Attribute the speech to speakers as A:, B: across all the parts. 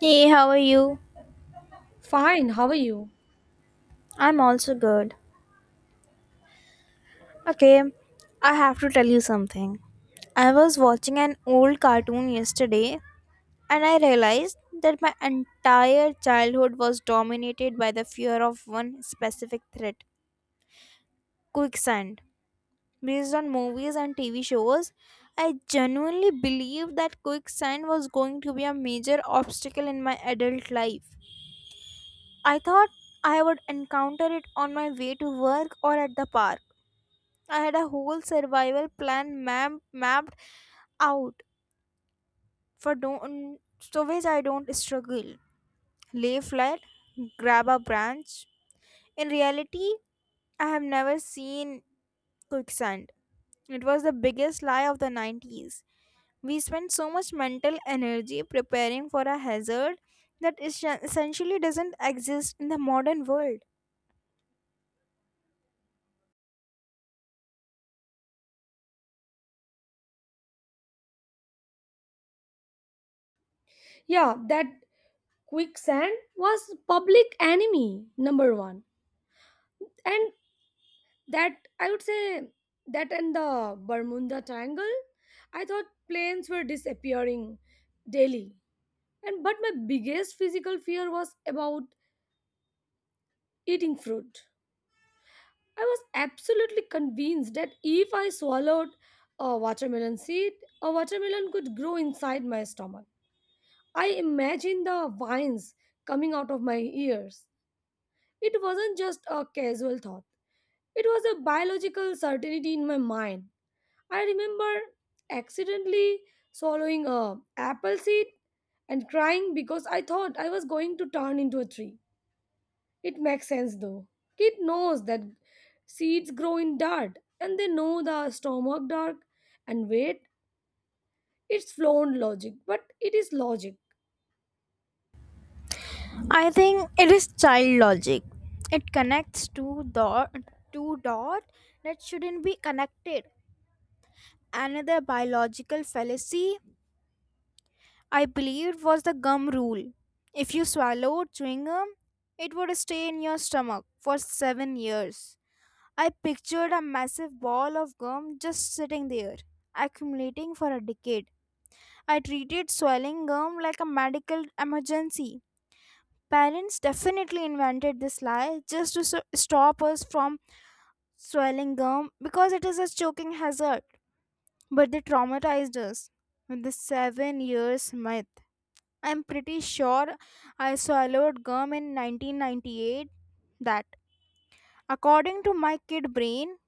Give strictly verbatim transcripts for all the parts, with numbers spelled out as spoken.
A: Hey, how are you?
B: Fine, how are you?
A: I'm also good. Okay, I have to tell you something. I was watching an old cartoon yesterday and I realized that my entire childhood was dominated by the fear of one specific threat quicksand. Based on movies and T V shows, I genuinely believed that quicksand was going to be a major obstacle in my adult life. I thought I would encounter it on my way to work or at the park. I had a whole survival plan map- mapped out for don't so which I don't struggle. Lay flat, grab a branch. In reality, I have never seen quicksand. It was the biggest lie of the nineties. We spent so much mental energy preparing for a hazard that is- essentially doesn't exist in the modern world.
B: Yeah, that quicksand was public enemy number one. And that, I would say, that and the Bermuda Triangle, I thought planes were disappearing daily. And but my biggest physical fear was about eating fruit. I was absolutely convinced that if I swallowed a watermelon seed, a watermelon could grow inside my stomach. I imagined the vines coming out of my ears. It wasn't just a casual thought, it was a biological certainty in my mind. I remember accidentally swallowing a apple seed and crying because I thought I was going to turn into a tree. It makes sense though. Kid knows that seeds grow in dirt and they know the stomach dark and weight. It's flown logic, but it is logic.
A: I think it is child logic. It connects two dot two dot that shouldn't be connected. Another biological fallacy I believed was the gum rule. If you swallowed chewing gum, it would stay in your stomach for seven years. I pictured a massive ball of gum just sitting there, accumulating for a decade. I treated swallowing gum like a medical emergency. Parents definitely invented this lie just to so- stop us from swallowing gum because it is a choking hazard. But they traumatized us with the seven years myth. I'm pretty sure I swallowed gum in nineteen ninety-eight that, according to my kid brain,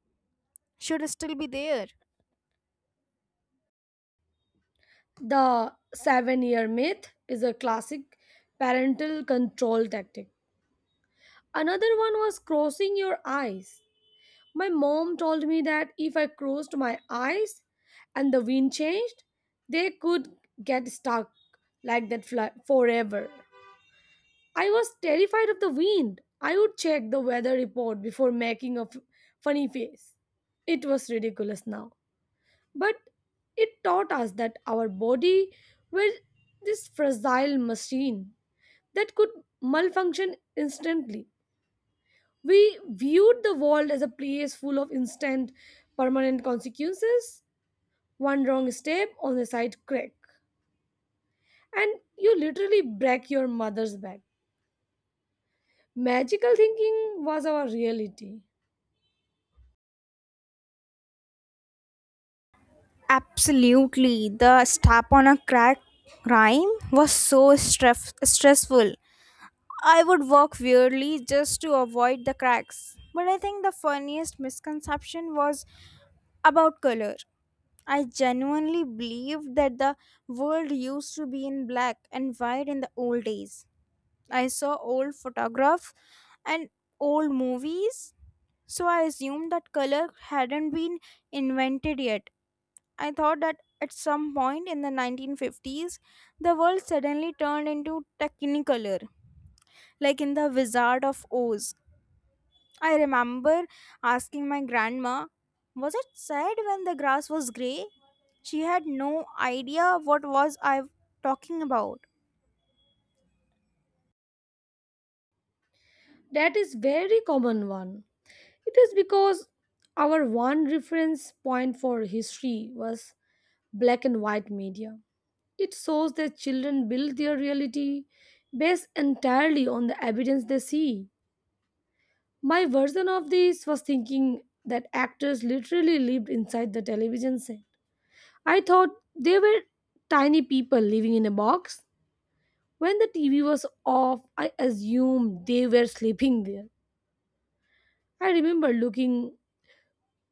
A: should still be there.
B: The seven year myth is a classic parental control tactic. Another one was crossing your eyes. My mom told me that if I crossed my eyes and the wind changed, they could get stuck like that fl- forever. I was terrified of the wind. I would check the weather report before making a f- funny face. It was ridiculous now. But it taught us that our body was this fragile machine that could malfunction instantly. We viewed the world as a place full of instant, permanent consequences. One wrong step on the side crack, and you literally break your mother's back. Magical thinking was our reality.
A: Absolutely. The step on a crack rhyme was so stress- stressful. I would walk weirdly just to avoid the cracks. But I think the funniest misconception was about color. I genuinely believed that the world used to be in black and white in the old days. I saw old photographs and old movies, so I assumed that color hadn't been invented yet. I thought that at some point in the nineteen fifties, the world suddenly turned into technicolor, like in The Wizard of Oz. I remember asking my grandma, was it sad when the grass was grey? She had no idea what was I talking about.
B: That is very common one. It is because our one reference point for history was black and white media. It shows that children build their reality based entirely on the evidence they see. My version of this was thinking that actors literally lived inside the television set. I thought they were tiny people living in a box. When the T V was off, I assumed they were sleeping there. I remember looking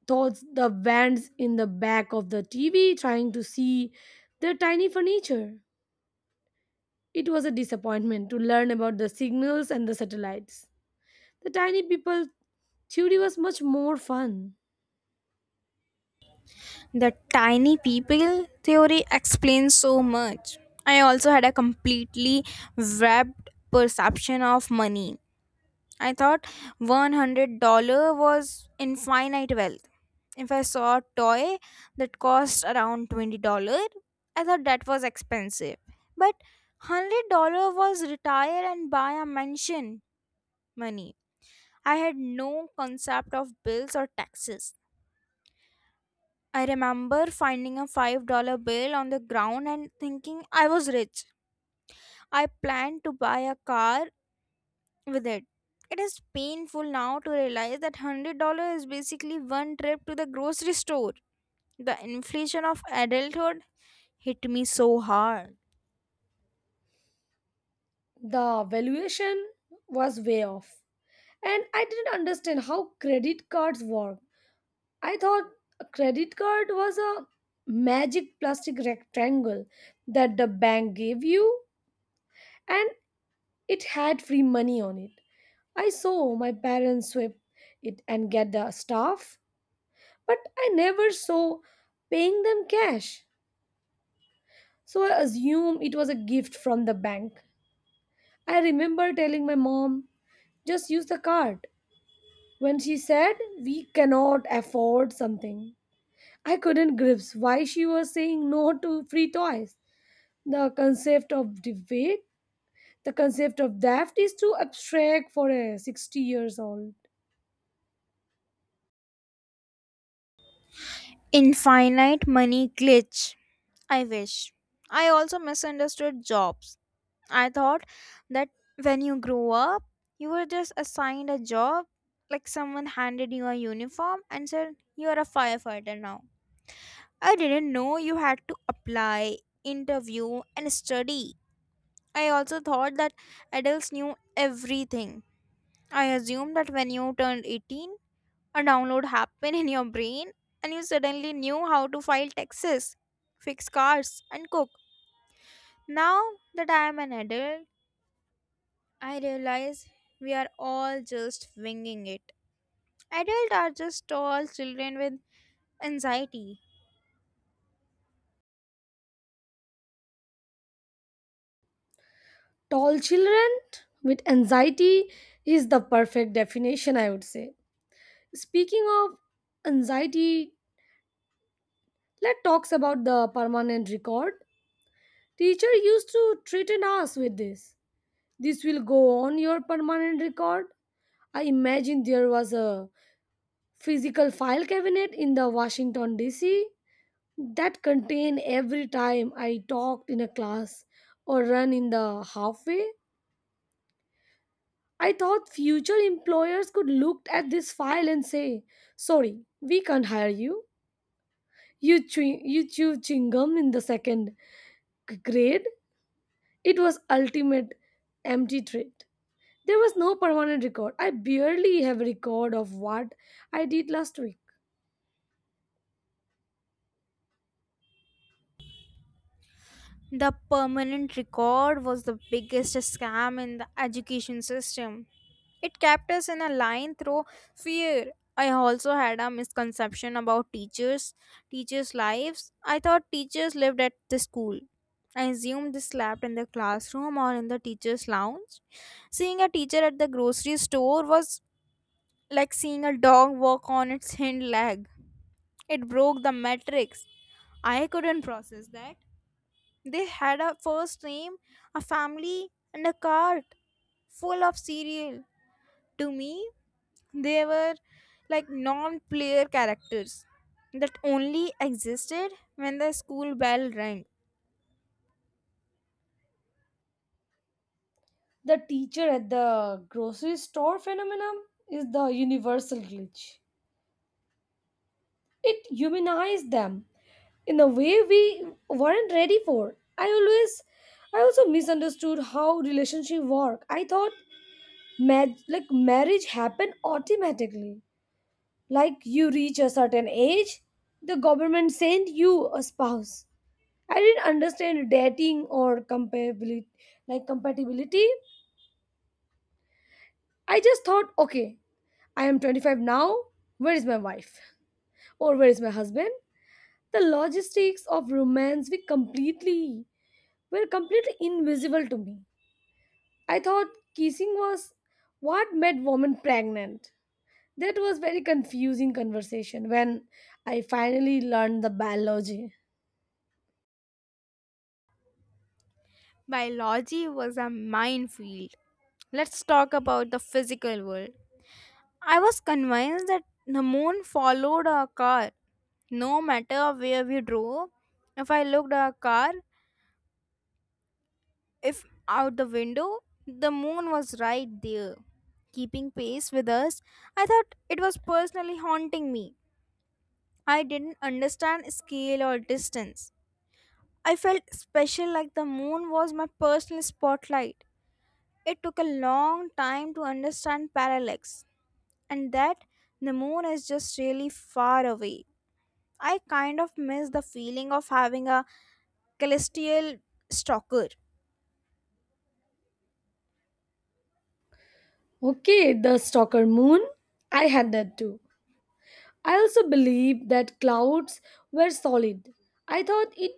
B: towards the vents in the back of the T V trying to see their tiny furniture. It was a disappointment to learn about the signals and the satellites. The tiny people theory was much more fun.
A: The tiny people theory explains so much. I also had a completely warped perception of money. I thought one hundred dollars was infinite wealth. If I saw a toy that cost around twenty dollar, I thought that was expensive. But one hundred dollar was retire and buy a mansion money. I had no concept of bills or taxes. I remember finding a five dollar bill on the ground and thinking I was rich. I planned to buy a car with it. It is painful now to realize that one hundred dollar is basically one trip to the grocery store. The inflation of adulthood hit me so hard.
B: The valuation was way off. And I didn't understand how credit cards work. I thought a credit card was a magic plastic rectangle that the bank gave you and it had free money on it. I saw my parents swipe it and get the stuff, but I never saw paying them cash. So I assumed it was a gift from the bank. I remember telling my mom, just use the card. When she said, we cannot afford something, I couldn't grasp why she was saying no to free toys. The concept of debate, the concept of theft is too abstract for a sixty years old.
A: Infinite money glitch. I wish. I also misunderstood jobs. I thought that when you grow up, you were just assigned a job, like someone handed you a uniform and said, "You're a firefighter now." I didn't know you had to apply, interview, and study. I also thought that adults knew everything. I assumed that when you turned eighteen, a download happened in your brain, and you suddenly knew how to file taxes, fix cars, and cook. Now that I am an adult, I realize we are all just winging it. Adults are just tall children with anxiety.
B: Tall children with anxiety is the perfect definition, I would say. Speaking of anxiety, let's talk about the permanent record. Teacher used to threaten us with this. This will go on your permanent record. I imagine there was a physical file cabinet in the Washington D C that contained every time I talked in a class or run in the halfway. I thought future employers could look at this file and say, "Sorry, we can't hire you. You chew, you chew chewing gum in the second g- grade." It was ultimate empty threat. There was no permanent record. I barely have a record of what I did last week.
A: The permanent record was the biggest scam in the education system. It kept us in a line through fear. I also had a misconception about teachers, teachers' lives. I thought teachers lived at the school. I assumed they slept in the classroom or in the teacher's lounge. Seeing a teacher at the grocery store was like seeing a dog walk on its hind leg. It broke the matrix. I couldn't process that. They had a first name, a family, and a cart full of cereal. To me, they were like non player characters that only existed when the school bell rang.
B: The teacher at the grocery store phenomenon is the universal glitch. It humanized them in a way we weren't ready for. I always, I also misunderstood how relationship work. I thought mag- like marriage happened automatically. Like you reach a certain age, the government sent you a spouse. I didn't understand dating or compatibility, like compatibility. I just thought, okay, I am twenty-five now. Where is my wife? Or where is my husband? The logistics of romance were completely were completely invisible to me. I thought kissing was what made women pregnant. That was very confusing conversation when I finally learned the biology.
A: Biology was a minefield. Let's talk about the physical world. I was convinced that the moon followed our car. No matter where we drove, if I looked at a car, if out the window, the moon was right there, keeping pace with us. I thought it was personally haunting me. I didn't understand scale or distance. I felt special like the moon was my personal spotlight. It took a long time to understand parallax and that the moon is just really far away. I kind of miss the feeling of having a celestial stalker.
B: Okay, the stalker moon. I had that too. I also believed that clouds were solid. I thought it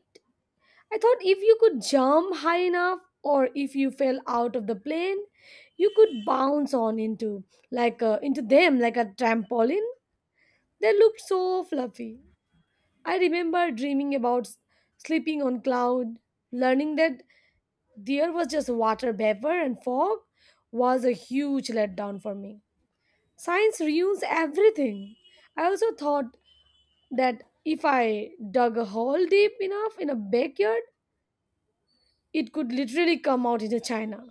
B: I thought if you could jump high enough or if you fell out of the plane, you could bounce on into like uh, into them like a trampoline. They looked so fluffy. I remember dreaming about s- sleeping on cloud, learning that there was just water vapor and fog was a huge letdown for me. Science ruins everything. I also thought that if I dug a hole deep enough in a backyard, it could literally come out into China.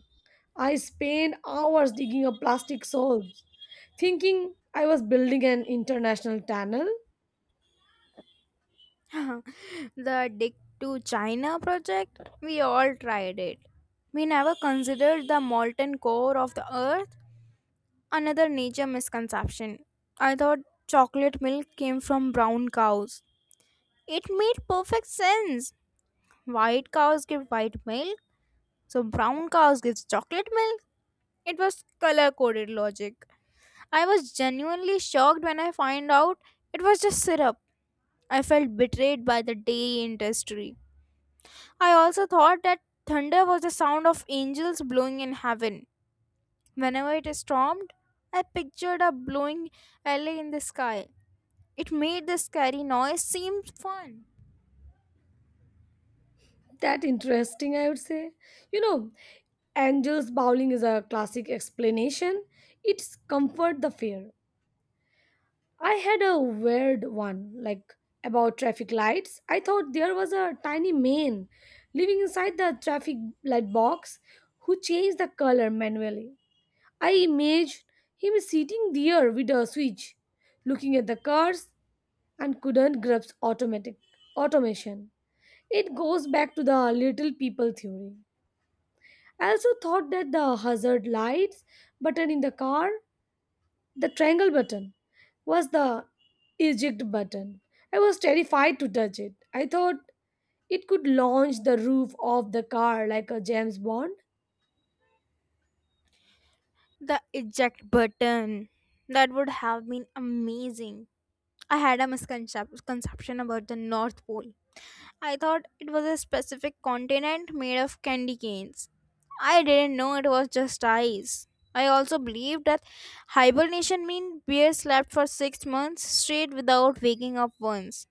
B: I spent hours digging up plastic soaps, thinking I was building an international tunnel.
A: The Dig to China project, we all tried it. We never considered the molten core of the earth. Another nature misconception. I thought chocolate milk came from brown cows. It made perfect sense. White cows give white milk, so brown cows gives chocolate milk. It was color coded logic. I was genuinely shocked when I find out it was just syrup. I felt betrayed by the dairy industry. I also thought that thunder was the sound of angels blowing in heaven. Whenever it stormed, I pictured a blowing alley in the sky. It made the scary noise seem fun.
B: That interesting, I would say. You know, angels bowling is a classic explanation. It's comfort the fear. I had a weird one, like about traffic lights. I thought there was a tiny man living inside the traffic light box who changed the color manually. I imagined him sitting there with a switch, looking at the cars and couldn't grasp automatic automation. It goes back to the little people theory. I also thought that the hazard lights button in the car, the triangle button, was the eject button. I was terrified to touch it. I thought it could launch the roof of the car like a James Bond.
A: The eject button. That would have been amazing. I had a misconception about the North Pole. I thought it was a specific continent made of candy canes. I didn't know it was just ice. I also believed that hibernation meant bears slept for six months straight without waking up once.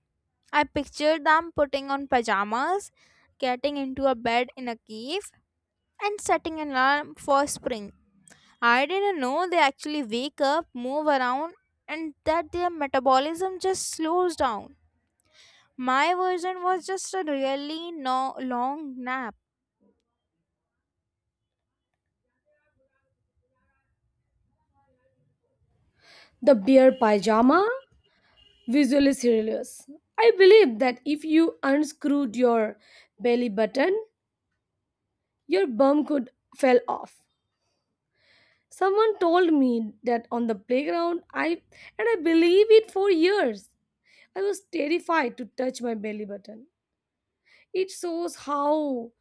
A: I pictured them putting on pajamas, getting into a bed in a cave, and setting an alarm for spring. I didn't know they actually wake up, move around, and that their metabolism just slows down. My version was just a really no- long nap.
B: The bear pajama visual is hilarious. I believe that if you unscrewed your belly button, your bum could fell off. Someone told me that on the playground, I and I believe it for years. I was terrified to touch my belly button. It shows how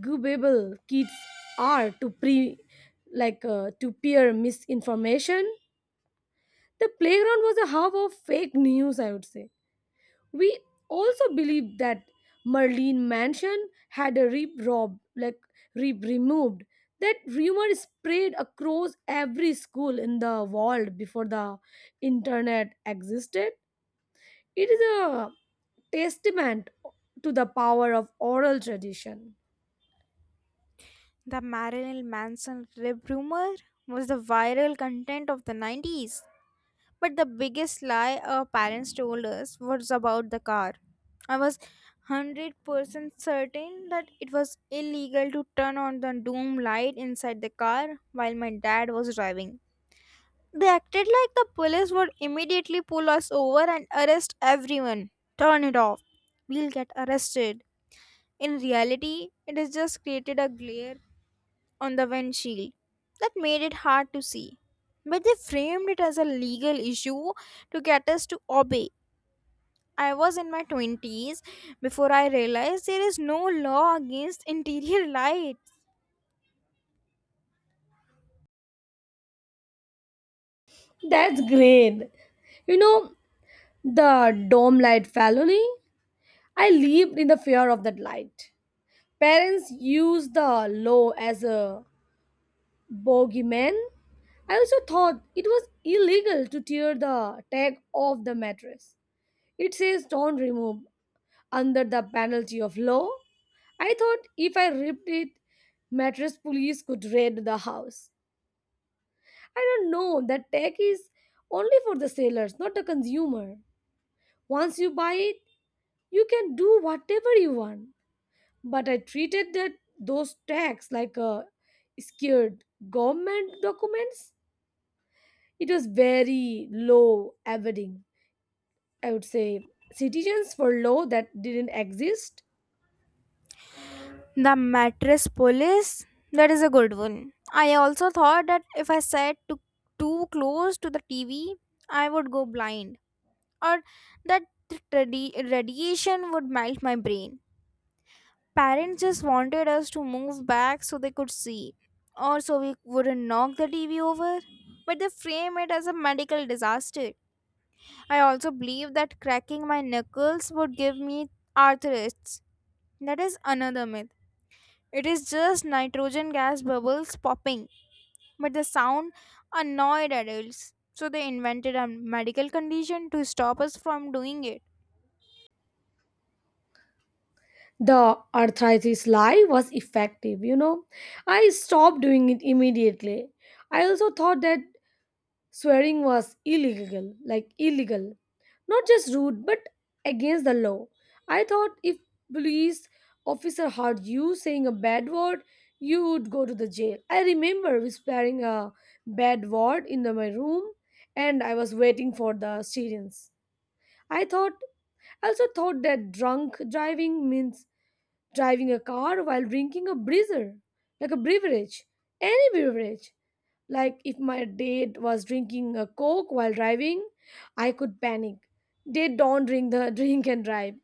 B: gullible kids are to pre, like uh, to peer misinformation. The playground was a hub of fake news, I would say. We also believe that Merlin Mansion had a rib rob like rib removed. That rumor spread across every school in the world before the internet existed. It is a testament to the power of oral tradition.
A: The Marilyn Manson rib rumor was the viral content of the nineties. But the biggest lie our parents told us was about the car. I was one hundred percent certain that it was illegal to turn on the doom light inside the car while my dad was driving. They acted like the police would immediately pull us over and arrest everyone. Turn it off. We'll get arrested. In reality, it has just created a glare on the windshield that made it hard to see. But they framed it as a legal issue to get us to obey. I was in my twenties before I realized there is no law against interior lights.
B: That's great. You know, the dome light felony? I lived in the fear of that light. Parents used the law as a Bogeyman. I also thought it was illegal to tear the tag off the mattress. It says don't remove under the penalty of law. I thought if I ripped it, mattress police could raid the house. I don't know that tag is only for the sellers, not the consumer. Once you buy it, you can do whatever you want. But I treated that those tags like a scared government documents. It was very low evading. I would say citizens for law that didn't exist.
A: The mattress police, that is a good one. I also thought that if I sat too, too close to the T V, I would go blind, or that radi- radiation would melt my brain. Parents just wanted us to move back so they could see, or so we wouldn't knock the T V over. But they frame it as a medical disaster. I also believe that cracking my knuckles would give me arthritis. That is another myth. It is just nitrogen gas bubbles popping, but the sound annoyed adults. So they invented a medical condition to stop us from doing it.
B: The arthritis lie was effective, you know. I stopped doing it immediately. I also thought that swearing was illegal, like illegal. Not just rude, but against the law. I thought if police officer heard you saying a bad word, you would go to the jail. I remember whispering a bad word in the- my room, and I was waiting for the students. I thought I also thought that drunk driving means driving a car while drinking a breezer, like a beverage, any beverage. Like if my date was drinking a coke while driving, I could panic. They don't drink the drink and drive.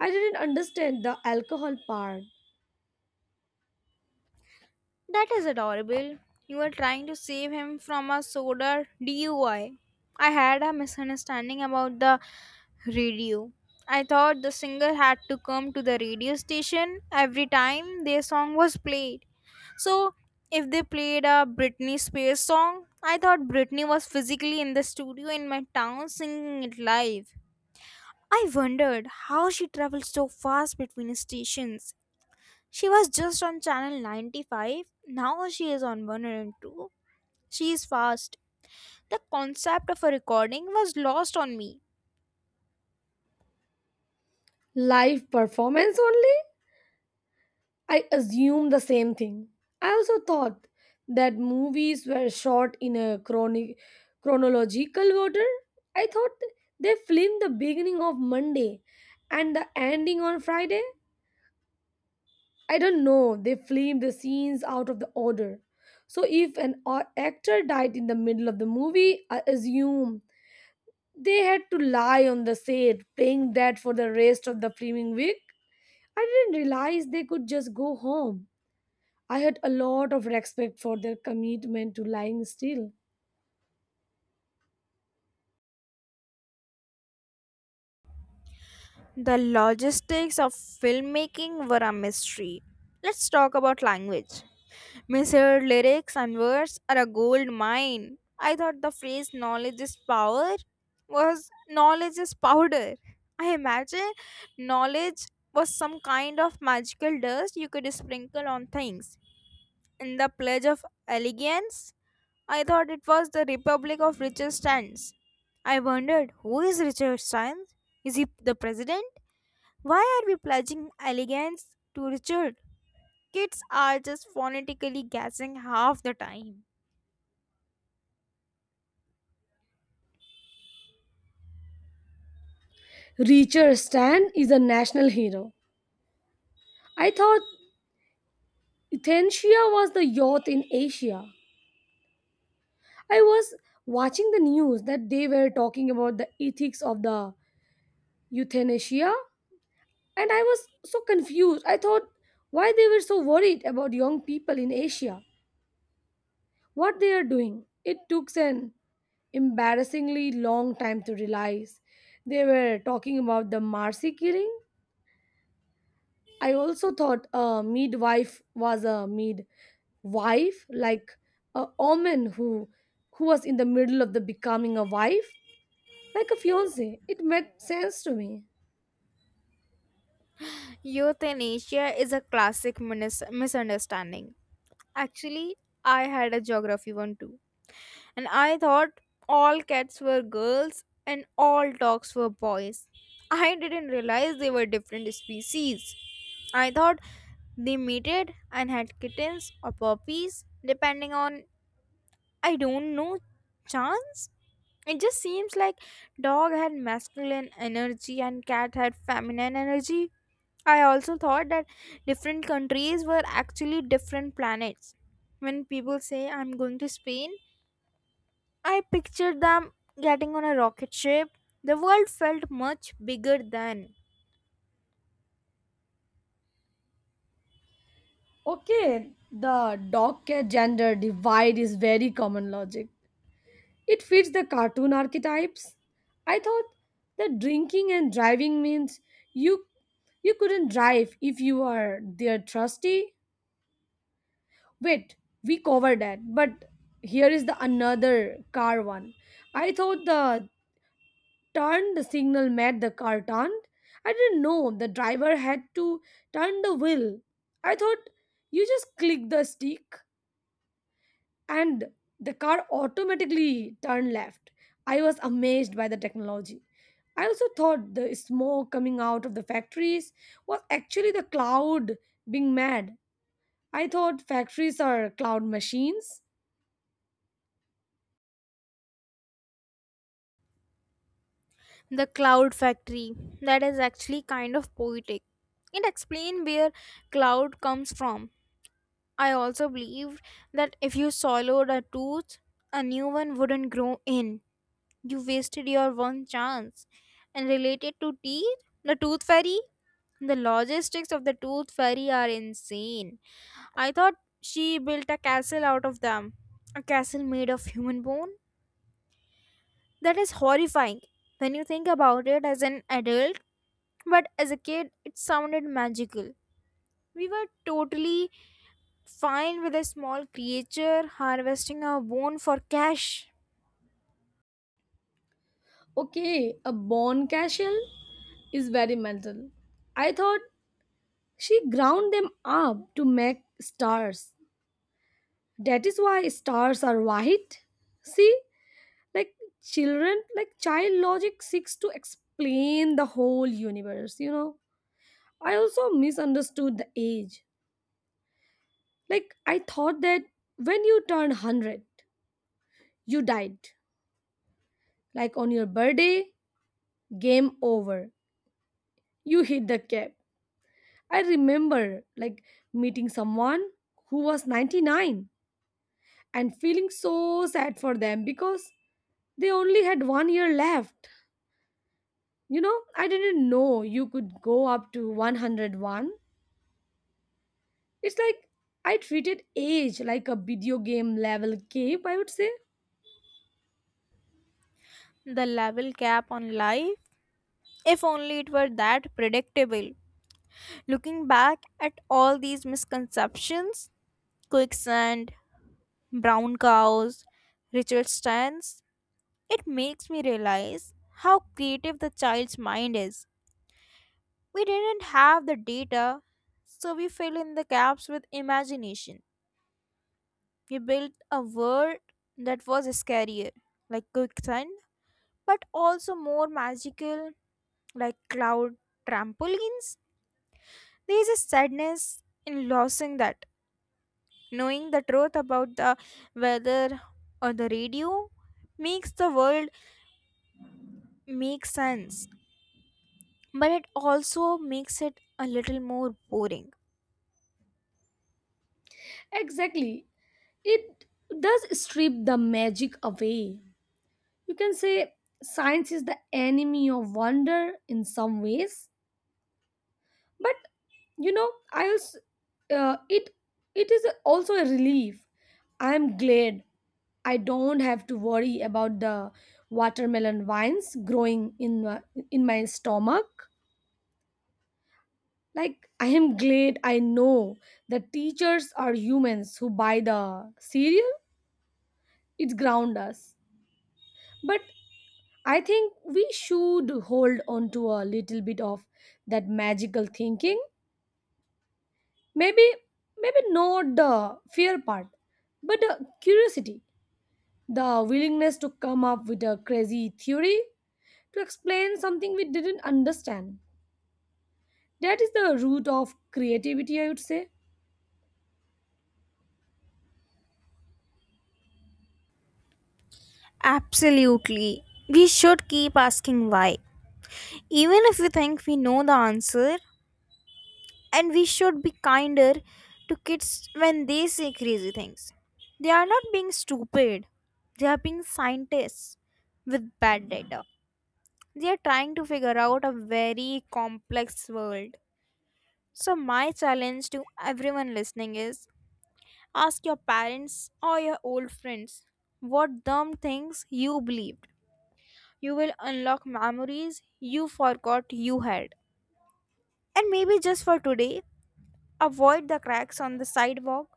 B: I didn't understand the alcohol part.
A: That is adorable. You were trying to save him from a soda D U I. I I had a misunderstanding about the radio. I thought the singer had to come to the radio station every time their song was played. So if they played a Britney Spears song, I thought Britney was physically in the studio in my town singing it live. I wondered how she traveled so fast between stations. She was just on channel ninety-five, now she is on one hundred two. She is fast. The concept of a recording was lost on me.
B: Live performance only? I assumed the same thing. I also thought that movies were shot in a chroni- chronological order. I thought they filmed the beginning of Monday and the ending on Friday. I don't know, they filmed the scenes out of the order. So if an o- actor died in the middle of the movie, I assume they had to lie on the set playing that for the rest of the filming week. I didn't realize they could just go home. I had a lot of respect for their commitment to lying still.
A: The logistics of filmmaking were a mystery. Let's talk about language. Miss her lyrics and words are a gold mine. I thought the phrase knowledge is power was knowledge is powder. I imagine knowledge was some kind of magical dust you could sprinkle on things. In the Pledge of Allegiance, I thought it was the Republic of Richard Stans. I wondered, who is Richard Stans? Is he the president? Why are we pledging allegiance to Richard? Kids are just phonetically guessing half the time.
B: Richard Stan is a national hero. I thought Ethiopia was the yacht in Asia. I was watching the news that they were talking about the ethics of the euthanasia, and I was so confused. I thought, why they were so worried about young people in Asia, what they are doing. It took an embarrassingly long time to realize they were talking about the marcy killing. I also thought a midwife was a midwife, like a woman who who was in the middle of the becoming a wife, like a fiance. It made sense to me.
A: Euthanasia is a classic minis- misunderstanding. Actually, I had a geography one too. And I thought all cats were girls and all dogs were boys. I didn't realize they were different species. I thought they mated and had kittens or puppies, depending on, I don't know, chance? It just seems like dog had masculine energy and cat had feminine energy. I also thought that different countries were actually different planets. When people say I'm going to Spain, I pictured them getting on a rocket ship. The world felt much bigger than
B: Okay, the dog care gender divide is very common logic. It fits the cartoon archetypes. I thought that drinking and driving means you you couldn't drive if you are their trustee. Wait, we covered that, but here is the another car one. I thought the turn the signal met the car turned. I didn't know the driver had to turn the wheel. I thought you just click the stick, and the car automatically turned left. I was amazed by the technology. I also thought the smoke coming out of the factories was actually the cloud being mad. I thought factories are cloud machines.
A: the cloud factory. That is actually kind of poetic. It explained where cloud comes from. I also believed that if you swallowed a tooth, a new one wouldn't grow in. You wasted your one chance. And related to teeth, the tooth fairy, the logistics of the tooth fairy are insane. I thought she built a castle out of them, a castle made of human bone. That is horrifying when you think about it as an adult, but as a kid, it sounded magical. We were totally fine with a small creature harvesting a bone for cash.
B: Okay, a born casual is very mental. I thought she ground them up to make stars. That is why stars are white. See, like children, like child logic seeks to explain the whole universe, you know. I also misunderstood the age. Like, I thought that when you turned one hundred, you died, like on your birthday. Game over. You hit the cap. I remember, like, meeting someone who was ninety-nine and feeling so sad for them because they only had one year left, you know. I didn't know you could go up to one hundred one. It's like I treated age like a video game level cape, I would say.
A: The level cap on life, if only it were that predictable. Looking back at all these misconceptions, quicksand, brown cows, ritual stands, it makes me realize how creative the child's mind is. We didn't have the data, so we fill in the gaps with imagination. We built a world that was scarier, like quicksand, but also more magical, like cloud trampolines. There is a sadness in losing that. Knowing the truth about the weather or the radio makes the world make sense, but it also makes it a little more boring.
B: Exactly. It does strip the magic away. You can say science is the enemy of wonder in some ways, but you know, I also, uh, it it is also a relief. I am glad I don't have to worry about the watermelon vines growing in my, in my stomach. Like, I am glad I know that teachers are humans who buy the cereal, it ground us. But I think we should hold on to a little bit of that magical thinking. Maybe, maybe not the fear part, but the curiosity, the willingness to come up with a crazy theory to explain something we didn't understand. That is the root of creativity, I would say.
A: Absolutely. We should keep asking why, even if we think we know the answer, and we should be kinder to kids when they say crazy things. They are not being stupid, they are being scientists with bad data. They are trying to figure out a very complex world. So, my challenge to everyone listening is ask your parents or your old friends what dumb things you believed. You will unlock memories you forgot you had. And maybe just for today, avoid the cracks on the sidewalk.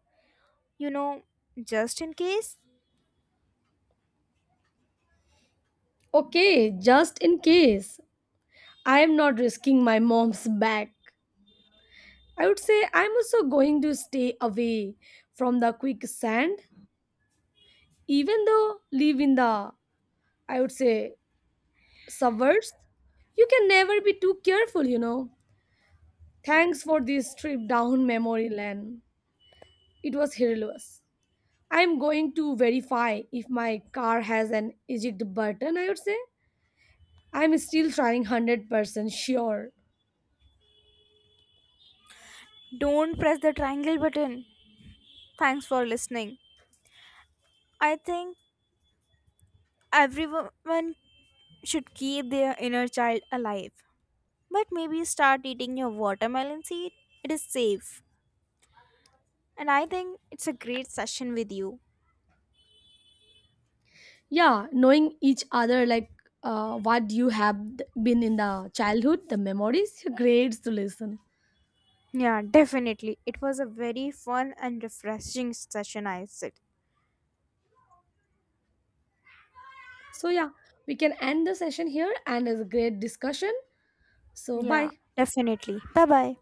A: You know, just in case,
B: Okay, just in case, I am not risking my mom's back. I would say I'm also going to stay away from the quicksand, even though live in the, I would say, suburbs. You can never be too careful, you know. Thanks for this trip down memory lane. It was hilarious. I'm going to verify if my car has an eject button, I would say. I'm still trying one hundred percent sure.
A: don't press the triangle button. Thanks for listening. I think everyone should keep their inner child alive. But maybe start eating your watermelon seed. It is safe. And I think it's a great session with you.
B: Yeah, knowing each other, like uh, what you have th- been in the childhood the memories grades to listen.
A: Yeah, definitely. It was a very fun and refreshing session, I said.
B: So yeah, we can end the session here, and it's a great discussion. So
A: Yeah,
B: bye.
A: definitely. Bye bye.